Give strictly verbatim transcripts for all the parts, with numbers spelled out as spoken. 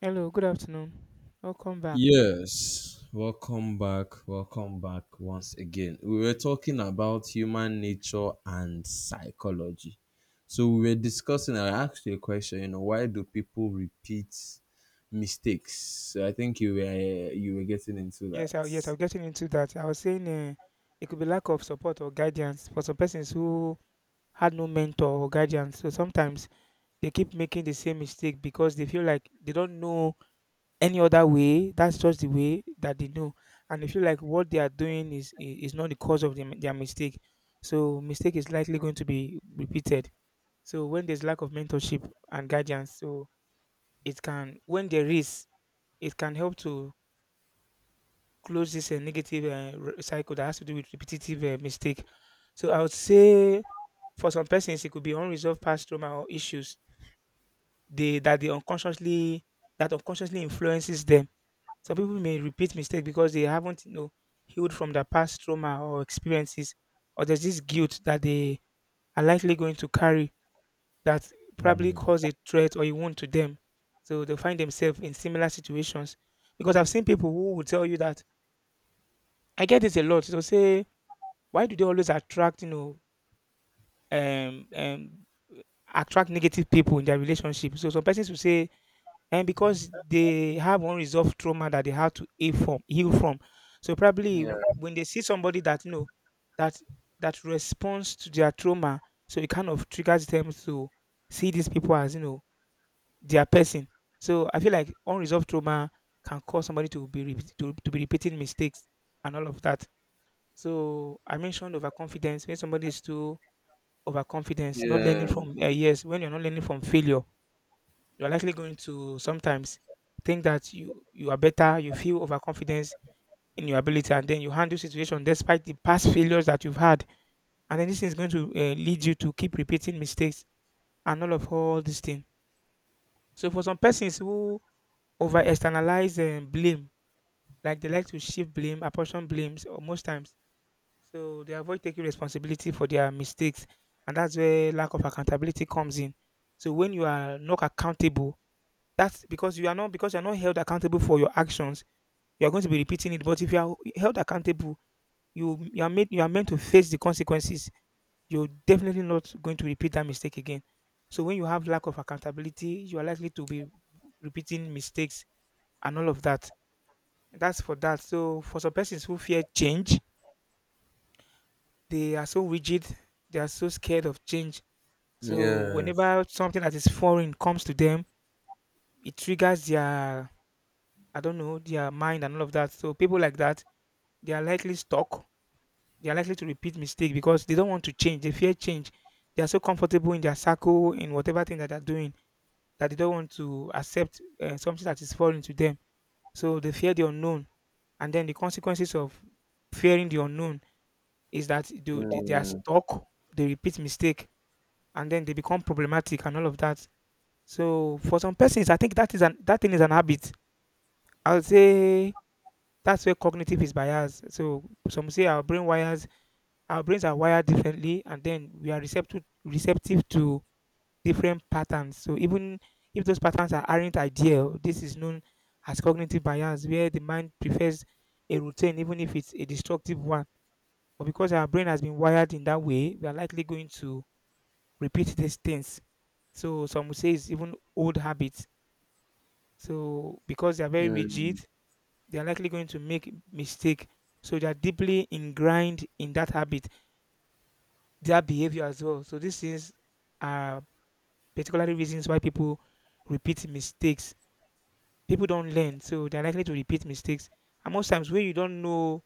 Hello, good afternoon. Welcome back. Yes, welcome back. Welcome back once again. We were talking about human nature and psychology. So we were discussing, I asked you a question, you know, why do people repeat mistakes? So I think you were you were getting into that. Yes, I, yes, I am getting into that. I was saying uh, it could be lack of support or guidance for some persons who had no mentor or guidance. So sometimes they keep making the same mistake because they feel like they don't know any other way. That's just the way that they know, and they feel like what they are doing is i- is not the cause of them their mistake. So mistake is likely going to be repeated. So when there's lack of mentorship and guidance, so it can when there is, it can help to close this uh, negative uh, re- cycle that has to do with repetitive uh, mistake. So I would say for some persons it could be unresolved past trauma or issues they that they unconsciously that unconsciously influences them. Some people may repeat mistakes because they haven't you know healed from their past trauma or experiences, or there's this guilt that they are likely going to carry that probably cause a threat or a wound to them. So they find themselves in similar situations. Because I've seen people who will tell you that I get this a lot. They'll say, why do they always attract, you know, um, um, attract negative people in their relationship? So some persons will say, and because they have unresolved trauma that they have to heal from, heal from. So probably Yeah, when they see somebody that you know that that responds to their trauma, so it kind of triggers them to see these people as you know their person. So I feel like unresolved trauma can cause somebody to be repeat- to, to be repeating mistakes and all of that. So I mentioned overconfidence when somebody is too overconfidence, not learning yeah, from uh, yes, when you're not learning from failure, you're likely going to sometimes think that you you are better, you feel overconfidence in your ability, and then you handle situation despite the past failures that you've had, and then this is going to uh, lead you to keep repeating mistakes and all of all these things. So for some persons who over externalize and blame, like they like to shift blame, apportion blames, or most times. So they avoid taking responsibility for their mistakes, and that's where lack of accountability comes in. So when you are not accountable, that's because you are not because you are not held accountable for your actions. You are going to be repeating it. But if you are held accountable, you you are made you are meant to face the consequences. You're definitely not going to repeat that mistake again. So when you have lack of accountability, you are likely to be repeating mistakes and all of that. That's for that. So for some persons who fear change, they are so rigid, they are so scared of change. So yes, whenever something that is foreign comes to them, it triggers their, I don't know, their mind and all of that. So people like that, they are likely stuck. They are likely to repeat mistake because they don't want to change. They fear change. They are so comfortable in their circle in whatever thing that they're doing that they don't want to accept uh, something that is foreign to them. So they fear the unknown, and then the consequences of fearing the unknown is that they, they they are mm, stuck. They repeat mistake, and then they become problematic and all of that. So for some persons, I think that is an that thing is an habit. I would say that's where cognitive is biased. So some say our brain wires, our brains are wired differently, and then we are receptive receptive to different patterns. So even if those patterns are, aren't ideal, this is known as cognitive bias, where the mind prefers a routine even if it's a destructive one. But because our brain has been wired in that way, we are likely going to repeat these things. So some would say it's even old habits. So because they are very mm, rigid, they are likely going to make mistake. So they are deeply ingrained in that habit, their behavior as well. So these things are particularly reasons why people repeat mistakes. People don't learn, so they're likely to repeat mistakes. And most times when you don't know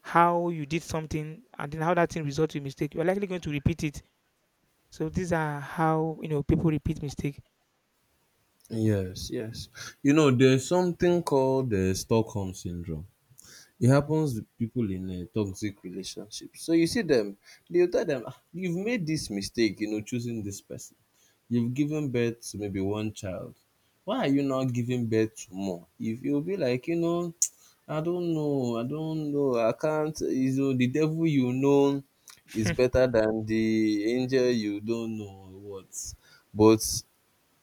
how you did something and then how that thing results in mistake, you're likely going to repeat it. So these are how you know people repeat mistake. yes, yes. You know, there's something called the Stockholm syndrome. It happens with people in uh, toxic relationships. So you see them, you tell them, "Ah, you've made this mistake, you know, choosing this person. You've given birth to maybe one child. Why are you not giving birth to more?" If you'll be like, you know, I don't know, I don't know, I can't, you know, the devil you know is better than the angel you don't know what. But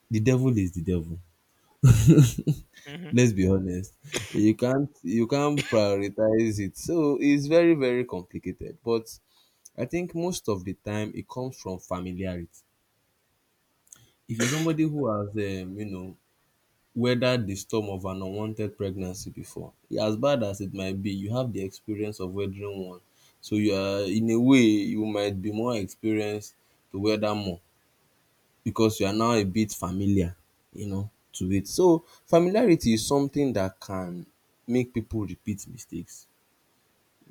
the devil is the devil. Mhm. Let's be honest. You can't you can't prioritize it. So it's very, very complicated. But I think most of the time it comes from familiarity. If you're somebody who has um, you know, weathered the storm of an unwanted pregnancy before, as bad as it might be, you have the experience of weathering one. So you are, in a way, you might be more experienced to weather more, because you are now a bit familiar, you know, to it. So familiarity is something that can make people repeat mistakes,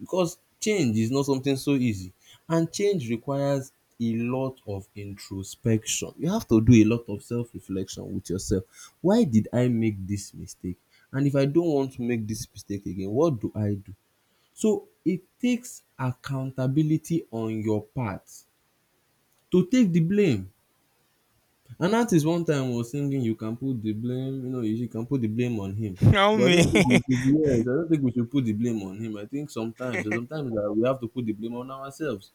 because change is not something so easy, and change requires a lot of introspection. You have to do a lot of self-reflection with yourself. Why did I make this mistake? And if I don't want to make this mistake again, what do I do? So it takes accountability on your part to take the blame. An artist one time was singing, "You can put the blame, you know, you can put the blame on him." Now But I me. don't think we should be, yes, I don't think we should put the blame on him. I think sometimes sometimes that we have to put the blame on ourselves.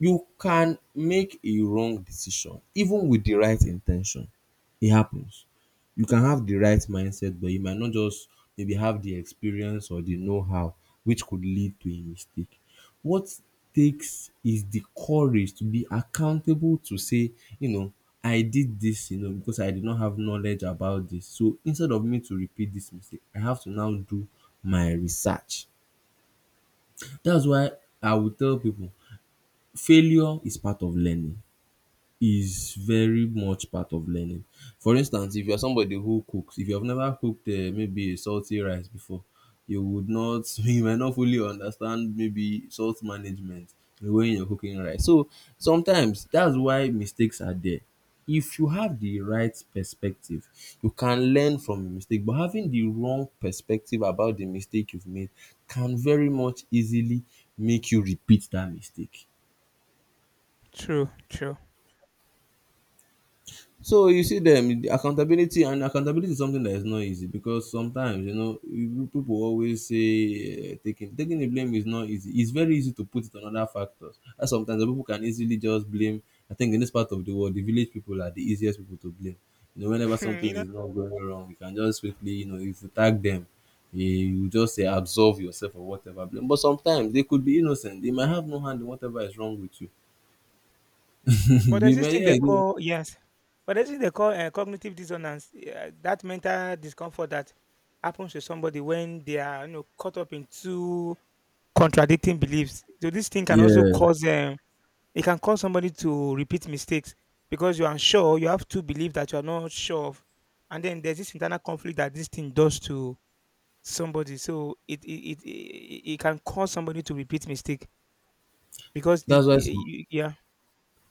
You can make a wrong decision even with the right intention. It happens. You can have the right mindset, but you might not just maybe have the experience or the know-how, which could lead to a mistake. What takes is the courage to be accountable, to say, you know, I did this, you know, because I did not have knowledge about this. So instead of me to repeat this mistake, I have to now do my research. That's why I will tell people failure is part of learning, is very much part of learning. For instance, if you're somebody who cooks, if you have never cooked uh, maybe a salty rice before, you would not, you might not fully understand maybe salt management when you're cooking rice. So sometimes that's why mistakes are there. If you have the right perspective, you can learn from a mistake, but having the wrong perspective about the mistake you've made can very much easily make you repeat that mistake. True, true. So you see them, the accountability, and accountability is something that is not easy, because sometimes, you know, you- people always say, uh, taking taking the blame is not easy. It's very easy to put it on other factors. And sometimes the people can easily just blame. I think in this part of the world, the village people are the easiest people to blame. You know, whenever something You know. is not going wrong, you can just quickly, you know, if you tag them, you you just say absolve yourself or whatever blame. But sometimes they could be innocent. They might have no hand in whatever is wrong with you. But They there's this may, thing they yeah. They, call yes, but there's this thing they call uh, cognitive dissonance. Yeah, that mental discomfort that happens to somebody when they are you know caught up in two contradicting beliefs. So this thing can also yeah. cause um, it can cause somebody to repeat mistakes because you're unsure. You have two beliefs that you're not sure of, and then there's this internal conflict that this thing does to somebody. So it it it, it, it can cause somebody to repeat mistake because the That's why y- some, y- yeah.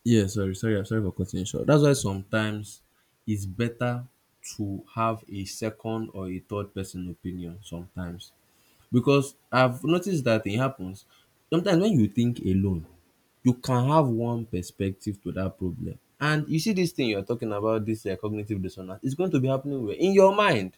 yeah, sorry, sorry, I'm sorry for cutting you short. That's why sometimes it's better to have a second or a third person opinion sometimes. Because I've noticed that it happens. Sometimes when you think alone, you can have one perspective to that problem. And you see this thing you're talking about, this uh, cognitive dissonance, it's going to be happening where? In your mind.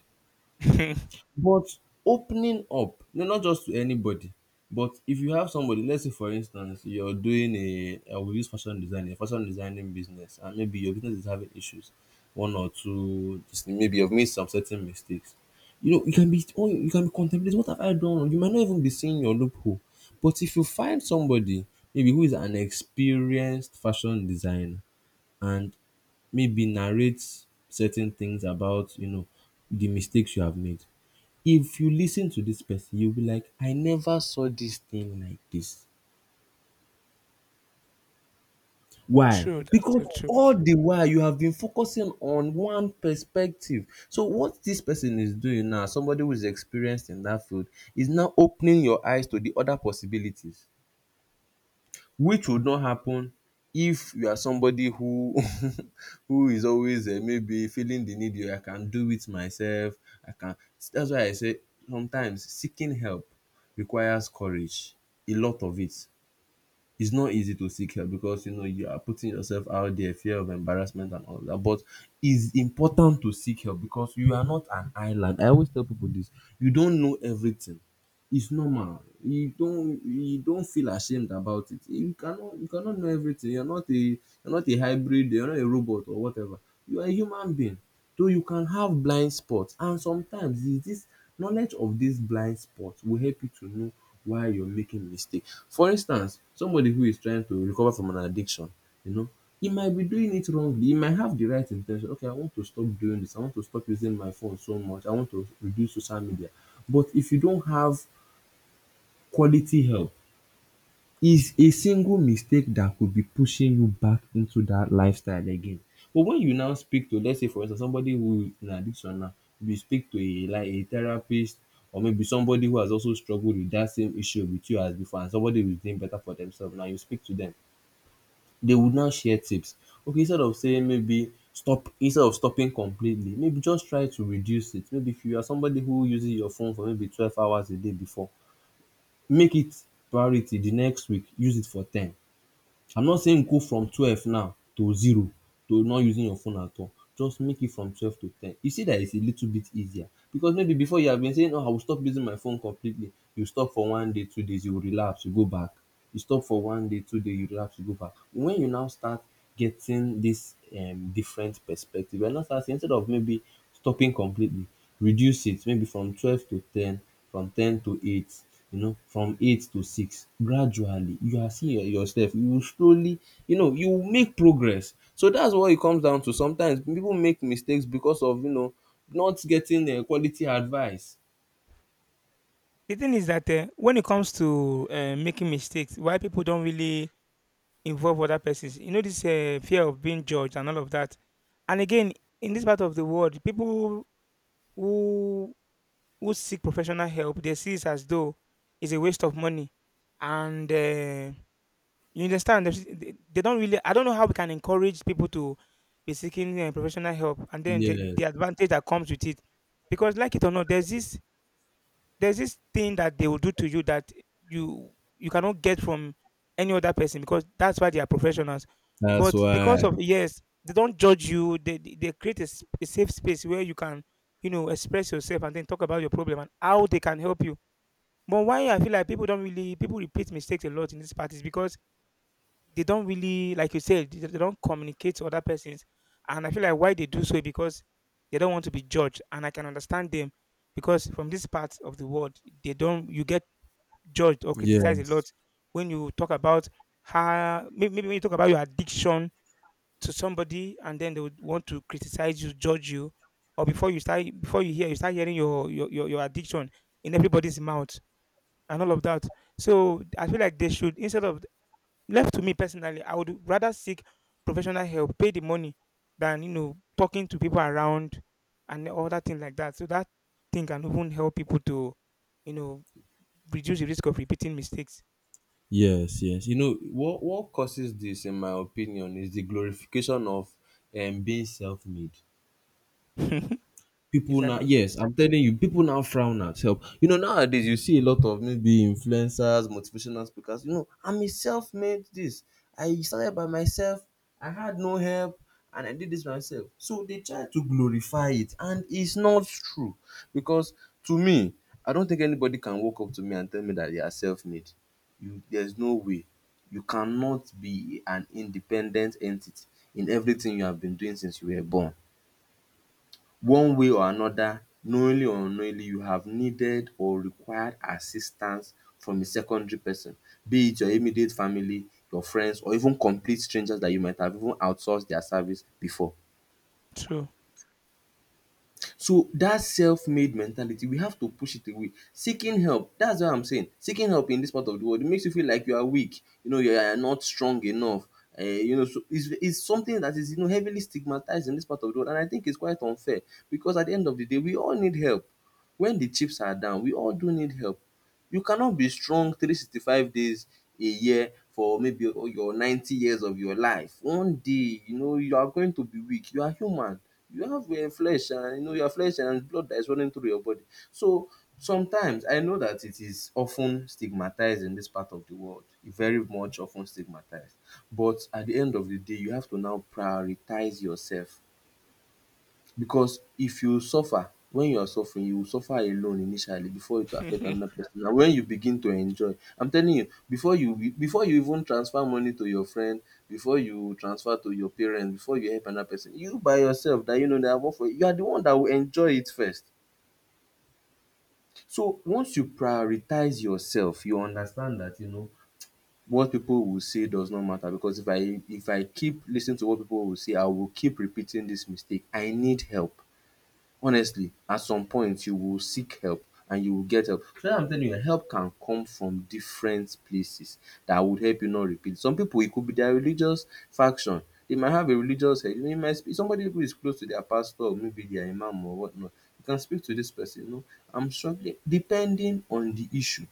But opening up, no, not just to anybody, but if you have somebody, let's say for instance, you're doing a, I will use fashion design, a fashion designing business, and maybe your business is having issues, one or two, just maybe you've made some certain mistakes. You know, you can be, oh, you can be contemplating, "What have I done wrong?" You might not even be seeing your loophole. But if you find somebody, maybe who is an experienced fashion designer, and maybe narrates certain things about, you know, the mistakes you have made, if you listen to this person, you will be like, "I never saw this thing like this." Why? True, that's Because so true. all the while you have been focusing on one perspective. So what this person is doing now, somebody who is experienced in that field, is now opening your eyes to the other possibilities, which would not happen if you are somebody who who is always, uh, maybe feeling the need, "Oh, I can do it myself, I can." That's why I say sometimes seeking help requires courage, a lot of it. It's not easy to seek help, because you know you are putting yourself out there, fear of embarrassment and all that. But it's important to seek help, because you are not an island. I always tell people this: you don't know everything. It's normal. You don't you don't feel ashamed about it. You cannot you cannot know everything. You're not a you're not a hybrid, you're not a robot or whatever. You are a human being. So you can have blind spots, and sometimes is this knowledge of this blind spot will help you to know why you're making mistake. For instance, somebody who is trying to recover from an addiction, you know, he might be doing it wrongly. He might have the right intention. Okay, I want to stop doing this. I want to stop using my phone so much. I want to reduce social media. But if you don't have quality help, is a single mistake that could be pushing you back into that lifestyle again. But when you now speak to, let's say for instance, somebody who is in addiction now, you speak to a, like a therapist, or maybe somebody who has also struggled with that same issue with you as before, and somebody who is doing better for themselves now, you speak to them, they would now share tips. Okay, instead of saying maybe stop, instead of stopping completely, maybe just try to reduce it. Maybe if you are somebody who uses your phone for maybe twelve hours a day before, make it priority the next week, use it for ten. I'm not saying go from twelve now to zero, to not using your phone at all, just make it from twelve to ten. You see that it's a little bit easier, because maybe before you have been saying, oh, I will stop using my phone completely, you stop for one day, two days, you will relapse, you go back, you stop for one day, two day, you relapse, you go back. When you now start getting this um, different perspective, we're not asking, instead of maybe stopping completely, reduce it maybe from twelve to ten, from ten to eight, you know, from eight to six. Gradually, you are seeing your- yourself. You will slowly, you know, you will make progress. So that's what it comes down to. Sometimes people make mistakes because of, you know, not getting uh, quality advice. The thing is that uh, when it comes to uh, making mistakes, why people don't really involve other persons, you know, this uh, fear of being judged and all of that. And again, in this part of the world, people who who seek professional help, they see it as though it's a waste of money, and uh, you understand there's- they, they don't really. I don't know how we can encourage people to be seeking uh, professional help, and then the, Yes, the advantage that comes with it, because like it or not, there's this there's this thing that they will do to you that you you cannot get from any other person because that's why they are professionals. that's But because why. of, yes, they don't judge you, they they they create a, s- a safe space where you can, you know, express yourself and then talk about your problem and how they can help you. But why I feel like people don't really, people repeat mistakes a lot in this part is because they don't really, like you said, they, they don't communicate to other persons. And I feel like why they do so is because they don't want to be judged, and I can understand them because from this part of the world they don't you get judged or criticized a lot Yes. when you talk about how may- maybe when you talk about your addiction to somebody and then they would want to criticize you, judge you, or before you start, before you hear you start hearing your your, your, your addiction in everybody's mouth and all of that. So I feel like they should, instead of left to me personally, I would rather seek professional help, pay the money, than, you know, talking to people around and all that thing like that. So that thing can even help people to, you know, reduce the risk of repeating mistakes. Yes, yes. You know what what causes this, in my opinion, is the glorification of, um, being self-made. People now, Exactly. yes, I'm telling you, people now frown at help, you know. Nowadays you see a lot of maybe influencers, motivational speakers, you know, "I'm a self-made this, I started by myself, I had no help, and I did this myself." So they try to glorify it, and it's not true. Because, to me, I don't think anybody can walk up to me and tell me that they are self-made. You, there's no way. You cannot be an independent entity. In everything you have been doing since you were born, one way or another, knowingly or unknowingly, you have needed or required assistance from a secondary person, be it your immediate family, your friends, or even complete strangers that you might have even outsourced their service before. True. So that self-made mentality, we have to push it away. Seeking help, that's what I'm saying. Seeking help in this part of the world, it makes you feel like you are weak, you know you are not strong enough. Um you know so it's it's something that is, you know heavily stigmatized in this part of the world, and I think it's quite unfair, because at the end of the day, we all need help. When the chips are down, we all do need help. You cannot be strong three sixty-five days a year, for maybe your ninety years of your life. One day, you know, you are going to be weak. You are human. You have a flesh, and you know your flesh and blood that is running through your body. So sometimes I know that it is often stigmatized in this part of the world, very much often stigmatized. But at the end of the day, you have to now prioritize yourself, because if you suffer, when you are suffering, you will suffer alone initially before it will affect True. another person. And when you begin to enjoy, I'm telling you, before you before you even transfer money to your friend, before you transfer to your parents, before you help another person, you by yourself that you know that work for you, you are the one that will enjoy it first. So once you prioritize yourself, you understand that, you know, what people will say does not matter. Because if I if I keep listening to what people will say, I will keep repeating this mistake. I need help. Honestly, at some point you will seek help, and you will get help. So I'm telling you, help can come from different places that would help you not repeat. Some people, it could be their religious faction. They might have a religious head. They might speak, somebody who is close to their pastor or maybe their imam or whatnot. You can speak to this person. You know, I'm struggling, depending on the issue.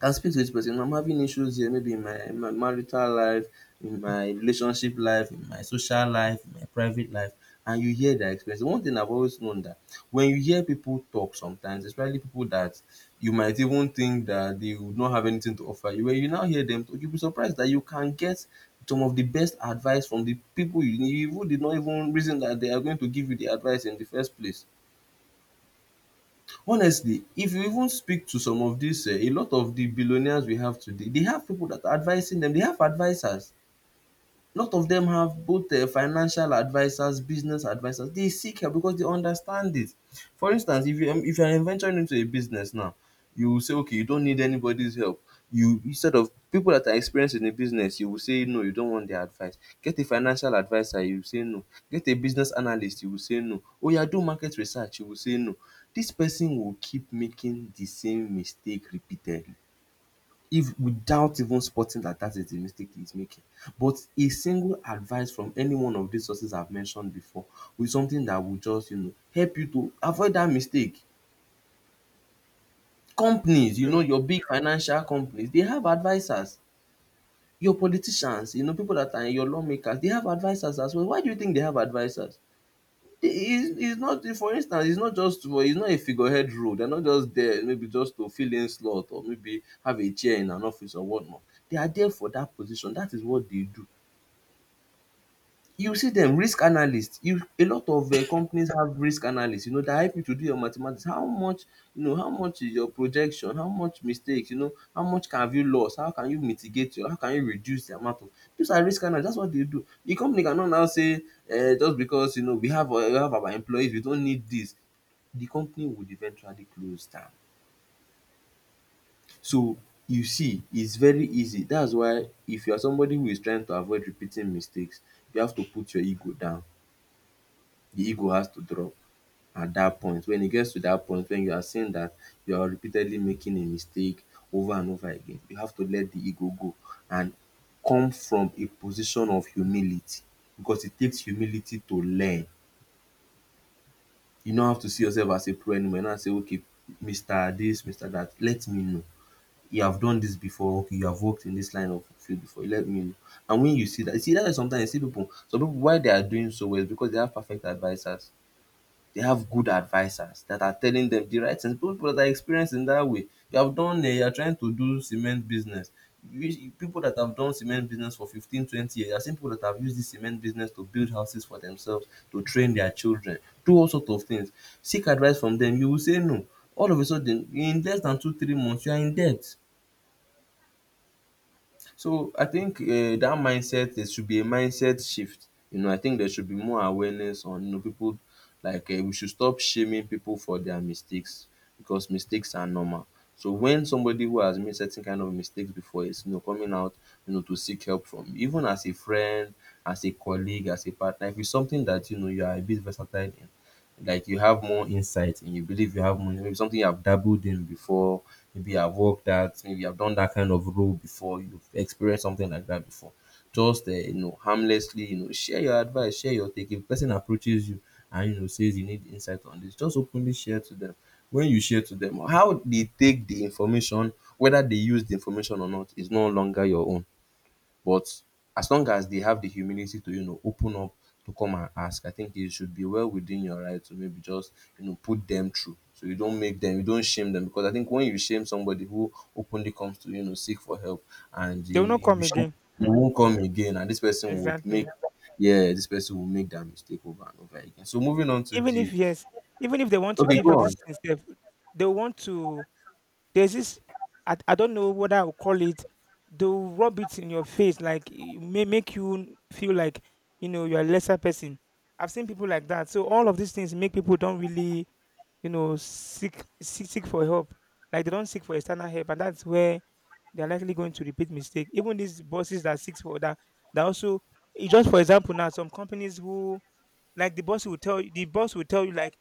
Can speak to this person, I'm having issues here, maybe in my in my marital life, in my relationship life, in my social life, in my private life. And you hear their experience. One thing I've always known that when you hear people talk sometimes, especially people that you might even think that they would not have anything to offer you, when you now hear them talk, you'll be surprised that you can get some of the best advice from the people you, you even did not even reason that they are going to give you the advice in the first place. Honestly, if you even speak to some of these, eh, a lot of the billionaires we have today, they have people that are advising them. They have advisors. Lot of dem have both, um financial advisers, business advisers. They seek help because they understand it. For instance, if you um if you are venturing into a business now, you will say okay, you don't need anybody's help. You, instead of people that are experienced in the business, you will say no, you don't want their advice. Get a financial adviser, you will say no. Get a business analyst, you will say no. Oya, do market research, you will say no. Dis person will keep making the same mistake repeatedly, if without even spotting that that is the mistake he's making. But a single advice from any one of these sources I've mentioned before, with something that will just, you know, help you to avoid that mistake. Companies, you know, your big financial companies, they have advisers. Your politicians, you know, people that are your lawmakers, they have advisers as well. Why do you think they have advisers? It's it's not, for instance, it's not just for, it's not a figurehead role. They're not just there maybe just to fill in slot or maybe have a chair in an office or whatnot. They are there for that position. That is what they do. You see them risk analysts. You, a lot of um companies have risk analysts, you know, that help you to do your mathematics. How much, you know, how much is your projection? How much mistakes, you know? How much can have you lost? How can you mitigate your, how can you reduce the amount of, those are risk analysts. That's what they do. The company cannot now say um just because you know we have uh, we have our employees, we don't need this. The company would eventually close down. So you see, it's very easy. That's why if you are somebody who is trying to avoid repeating mistakes, you have to put your ego down. The ego has to drop at that point. When it gets to that point, when you are seeing that you are repeatedly making a mistake over and over again, you have to let the ego go and come from a position of humility, because it takes humility to learn. You no have to see yourself as a pro anymore. You now say okay, mister this, mister that, let me know. You have done this before. Okay, you have worked in this line of field before, let me know. And when you see that, you see, that's why sometimes you see people, some people, why they are doing so well is because they have perfect advisers. They have good advisors that are telling them the right things. People that are experienced in that way. You have done, uh, you are trying to do cement business. You- People that have done cement business for fifteen, twenty years, I've seen people that have used this cement business to build houses for themselves, to train their children, do all sorts of things. Seek advice from them. You will say no. All of a sudden, in less than two, three months, you are in debt. So I think eh, that mindset, there should be a mindset shift. You know, I think there should be more awareness on you know people, like eh, we should stop shaming people for their mistakes, because mistakes are normal. So when somebody who has made certain kind of mistakes before is, you know coming out, you know, to seek help from you, even as a friend, as a colleague, as a partner, if it's something that you know you are a bit versatile in, like you have more insight and you believe you have more, maybe something you have dabbled in before, maybe I have worked at, maybe I have done that kind of role before, you've experienced something like that before. Just uh, you know, harmlessly, you know, share your advice, share your take. If a person approaches you and you know says you need insight on this, just openly share to them. When you share to them, how they take the information, whether they use the information or not, is no longer your own. But as long as they have the humility to, you know, open up, to come and ask, I think it should be well within your right to maybe just, you know, put them through. So you don't make them, you don't shame them. Because I think when you shame somebody who openly comes to, you know, seek for help, and They will you, not you come shame, again. they Hmm? won't come again, and this person would make, Exactly. yeah, this person will make that mistake over and over again. So moving on to Even the, if yes, even if they want to okay, give you go this on. thing, sef, they want to there's this, I, I don't know what I would call it. They'll rub it in your face, like it may make you feel like you know you're a lesser person. I've seen people like that. So all of these things make people don't really, you know, seek seek, seek for help. Like they don't seek for external help, and that's where they're likely going to repeat mistake. Even these bosses that seeks for that, that also, eh, just for example now, some companies who, like the boss will tell you the boss will tell you, like,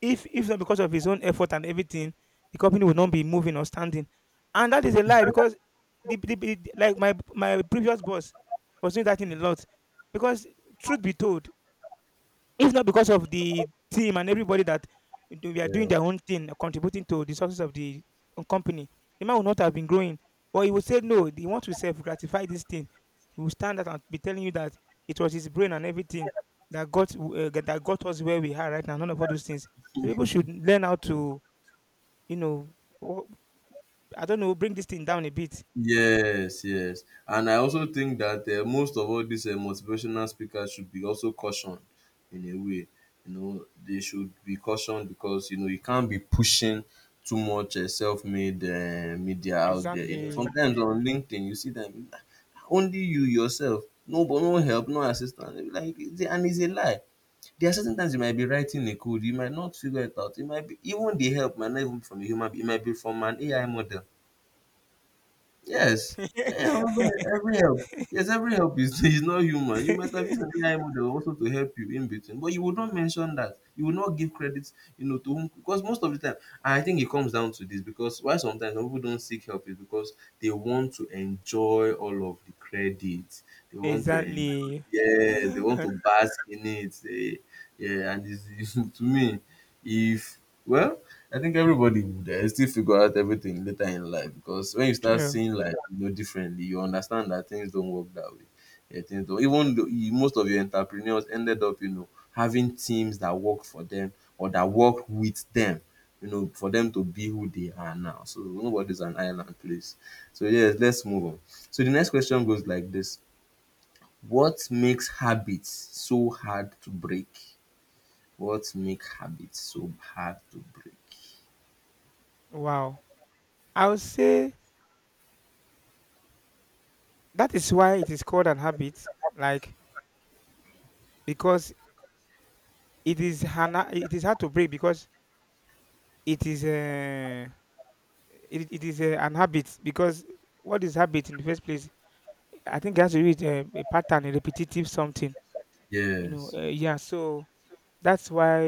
if if not because of his own effort and everything, the company would not be moving or standing. And that is a lie because the, the, the like my my previous boss was doing that in a lot. Because truth be told, if not because of the team and everybody that do- we are doing Yeah. their own thing, contributing to the success of the um, company, the man would not have been growing. But he would say, no, he wants to self gratify this thing. He will stand out and be telling you that it was his brain and everything that got uh, that got us where we are right now. None of all those things. So people should learn how to, you know, wo- I don't know, bring this thing down a bit. Yes, yes, and I also think that, eh, most of all these, eh, motivational speakers should be also cautioned in a way, you know, they should be cautioned because, you know, you can't be pushing too much, eh, self-made, eh, media out there, you know, Exactly. sometimes on LinkedIn you see them, "Ah, only you yourself, no but no help, no assistance," you be like it's a- and it's a lie. There are certain times you might be writing a code, you might not figure it out, it might be even the help might not even be from a human being, it might be from an A I model. Yes. Yeah, every, every help. Yes, every help is, is not human. You might have used an A I model also to help you in between, but you would not mention that. You would not give credit, you know, to whom, because most of the time, I think it comes down to this, because why sometimes some people don't seek help is because they want to enjoy all of the credit. They want to enjoy, Exactly. yes, they want to bask in it. They, yeah, and it's, it's, to me, if, well, I think everybody would uh, still figure out everything later in life, because when you start True. seeing life you know differently, you understand that things don't work that way. Yeah, things don't. Even though you, most of your entrepreneurs ended up, you know, having teams that work for them or that work with them, you know, for them to be who they are now. So nobody's an island place. So yes, let's move on. So the next question goes like this: what makes habits so hard to break? What make habits so hard to break? Wow. I would say that is why it is called an habit, like because it is hana it is hard to break because it is uh, it, it is uh, an habit because what is habit in the first place? I think it has to do with uh, a pattern, a repetitive something. You know, Yes. uh, yeah. So that's why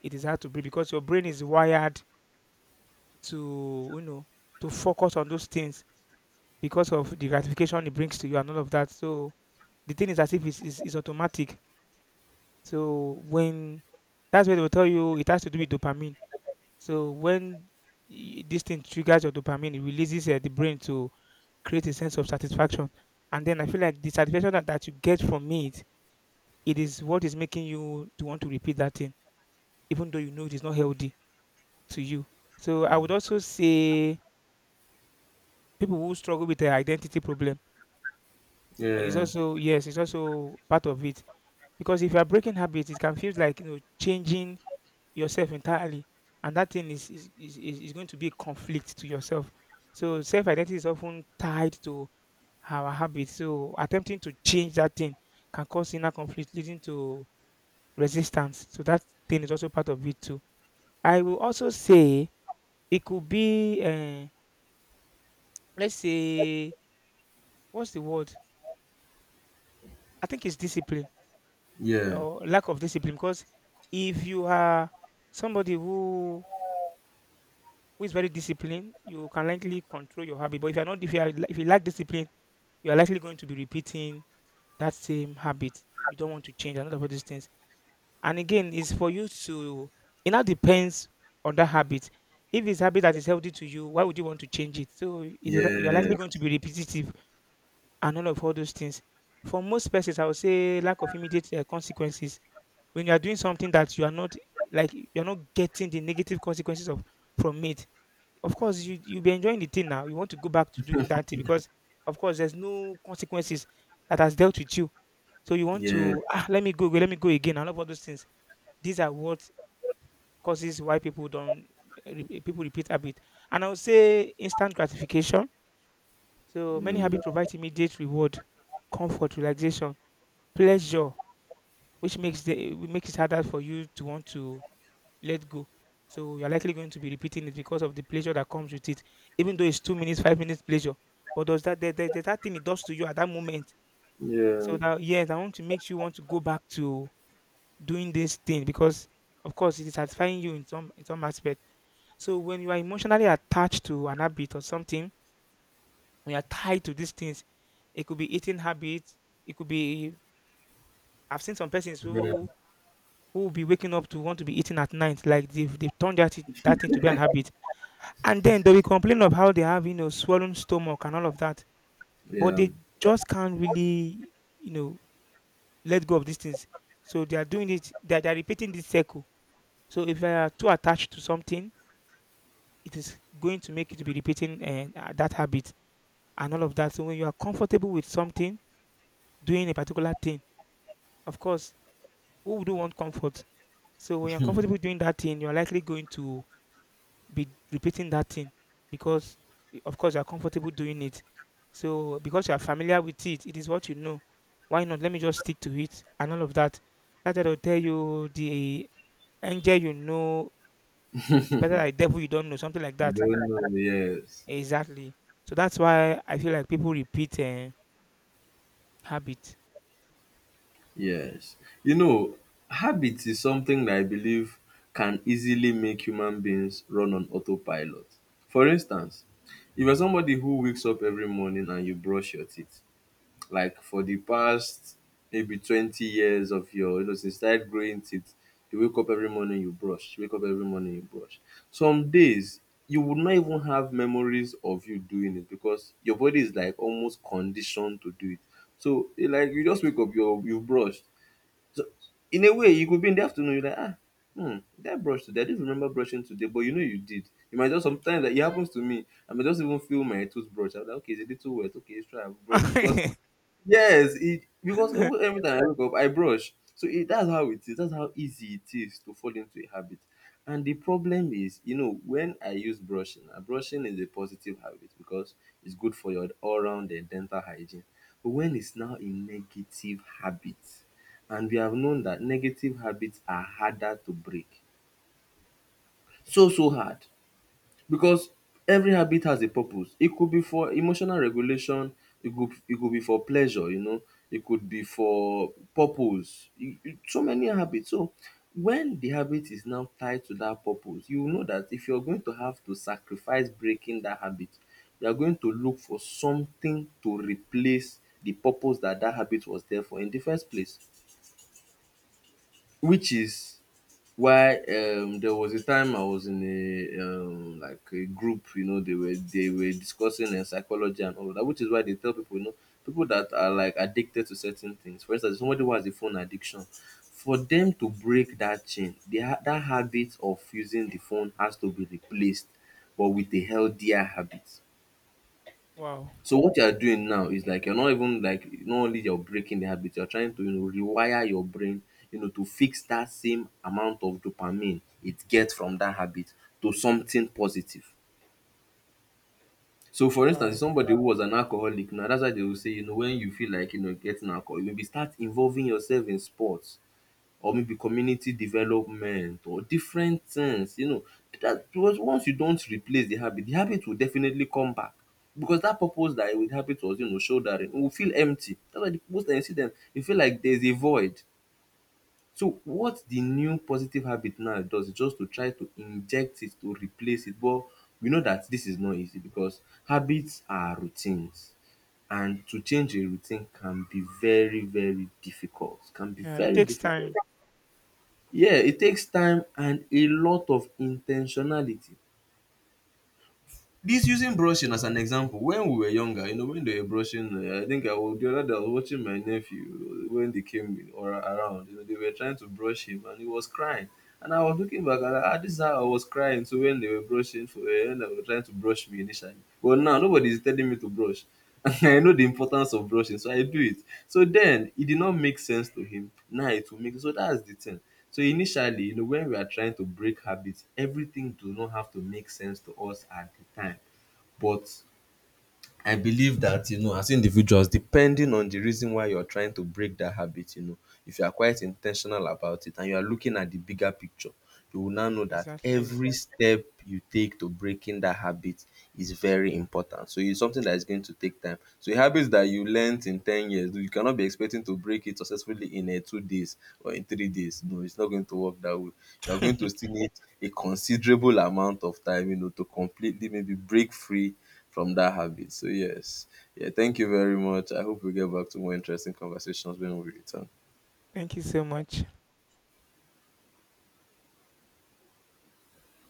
it is hard to break because your brain is wired to you know to focus on those things because of the gratification it brings to you and all of that. So the thing is as if it's, it's, it's automatic. So when that's where they will tell you it has to do with dopamine. So when y- this thing triggers your dopamine, it releases uh, the brain to create a sense of satisfaction. And then I feel like the satisfaction that, that you get from it, it is what is making you to want to repeat that thing, even though you know it is not healthy to you. So I would also say people who struggle with their identity problem is Yeah, also yes, it's also part of it because if you are breaking habits, it can feel like you know changing yourself entirely, and that thing is is is is is going to be a conflict to yourself. So self identity is often tied to our habits. So attempting to change that thing can cause inner conflict, leading to resistance. So that thing is also part of it too. I will also say it could be, uh, let's say, what's the word? I think it's discipline yeah, or lack of discipline. Because if you are somebody who who is very disciplined, you can likely control your habit. But if you're not, if you are, if you lack discipline, you are likely going to be repeating that same habit. You don't want to change another of all these things. And again, it's for you to. It now depends on that habit. If it's habit that is healthy to you, why would you want to change it? So it is li- you are yeah, likely going to be repetitive and all of all those things. For most persons, I would say lack of immediate uh, consequences. When you are doing something that you are not like, you are not getting the negative consequences of from it, of course, you you'll be enjoying the thing now. You want to go back to doing that thing because, of course, there's no consequences that has dealt with you. So you want yeah, to ah let me go, let me go again, and all of those things. These are what causes why people don't eh, re- eh, people repeat habit. And I would say instant gratification. So many mm, habits provide immediate reward, comfort, relaxation, pleasure, which makes the makes it harder for you to want to let go. So you're likely going to be repeating it because of the pleasure that comes with it, even though it's two minutes, five minutes pleasure. But does that there, there, there's that thing it does to you at that moment? yeah, So that yes, I want to make you want to go back to doing this thing because of course it is satisfying you in some in some aspect. So when you are emotionally attached to an habit or something, when you're tied to these things, it could be eating habits, it could be I've seen some persons yeah, who who will be waking up to want to be eating at night, like they've, they've turned that, that thing to be an habit. And then they will complain of how they have, you know, swollen stomach and all of that, yeah. You but they don't just can't really, you know, let go of these things. So they are doing it, they are, they are repeating this circle. So if you are too attached to something, it is going to make you to be repeating eh, uh, that habit and all of that. So when you are comfortable with something, doing a particular thing, of course, who would want comfort? So when you're comfortable doing that thing, you're likely going to be repeating that thing because y- of course you are comfortable doing it. So because you are familiar with it, it is what you know. Why not? Let me just stick to it and all of that. That will tell you the angel you know is better than the devil you don't know, something like that. know, yes, Exactly. So that's why I feel like people repeat uh, habit. yes. You know, habit is something that I believe can easily make human beings run on autopilot. For instance, if you're somebody who wakes up every morning and you brush your teeth, like for the past maybe twenty years of your you know since you started growing teeth, you wake up every morning you brush, you wake up every morning you brush some days you would not even have memories of you doing it because your body is like almost conditioned to do it. So it like you just wake up, you you brush. So in a way you could be in the afternoon, you're like, ah, hmm, did I brush today? I didn't remember brushing today, but you know you did. You might just, sometimes that it happens to me, I may just even feel my toothbrush, I'm like, okay, it's a little wet, okay, it's try and brush because, yes, it because even every time I wake up, I brush. So it, that's how it is. That's how easy it is to fall into a habit. And the problem is, you know, when I use brushing, uh, brushing is a positive habit because it's good for your all-round uh, dental hygiene. But when it's now a negative habit, and we have known that negative habits are harder to break, so so hard because every habit has a purpose. It could be for emotional regulation, it could it could be for pleasure, you know, it could be for purpose. E e So many habits. So when the habit is now tied to that purpose, you will know that if you're going to have to sacrifice breaking that habit, you are going to look for something to replace the purpose that that habit was there for in the first place. Which is why um there was a time I was in a um like a group, you know, they were they were discussing uh, psychology and all of that, which is why they tell people, you know, people that are like addicted to certain things. For instance, somebody who has a phone addiction, for them to break that chain, they ha- that habit of using the phone has to be replaced, but with a healthier habit. wow. So what you are doing now is like you're not even like not only you're breaking the habit, you're trying to, you know, rewire your brain, you know, to fix that same amount of dopamine it gets from that habit to something positive. So for instance, Wow. somebody who was an alcoholic now, that's why they will say, you know, when you feel like, you know, getting alcohol, you maybe start involving yourself in sports or maybe community development or different things, you know, that because once you don't replace the habit, the habit will definitely come back because that purpose that with habit was, you know, shouldering, we will feel empty. That's why the most times you see them you feel like there's a void. So what the new positive habit now does is just to try to inject it to replace it. But we know that this is not easy because habits are routines, and to change a routine can be very, very difficult, can be Yeah, it very takes difficult. time. Yeah, it takes time and a lot of intentionality. This using brushing as an example, when we were younger, you know, when they were brushing, uh, I think I was, the other day I was watching my nephew uh, when they came in or around. You know, they were trying to brush him and he was crying. And I was looking back and I, ah, this is how I was crying. So when they were brushing for uh, when they were trying to brush me initially, but now nobody is telling me to brush. And I know the importance of brushing, so I do it. So then it did not make sense to him. Now it will make, so that's the thing. So initially, you know, when we are trying to break habits, everything do not have to make sense to us at the time. But I believe that, you know, as individuals, depending on the reason why you're trying to break that habit, you know, if you are quite intentional about it and you are looking at the bigger picture, you will now know that Exactly. every step you take to breaking that habit is very important. So it's something that is going to take time. So habits that you learnt in ten years, you cannot be expecting to break it successfully in uh, two days or in three days. No, it's not going to work that way. You're going to still need a considerable amount of time, you know, to completely maybe break free from that habit. So yes, yeah, thank you very much. I hope we get back to more interesting conversations when we return. Thank you so much.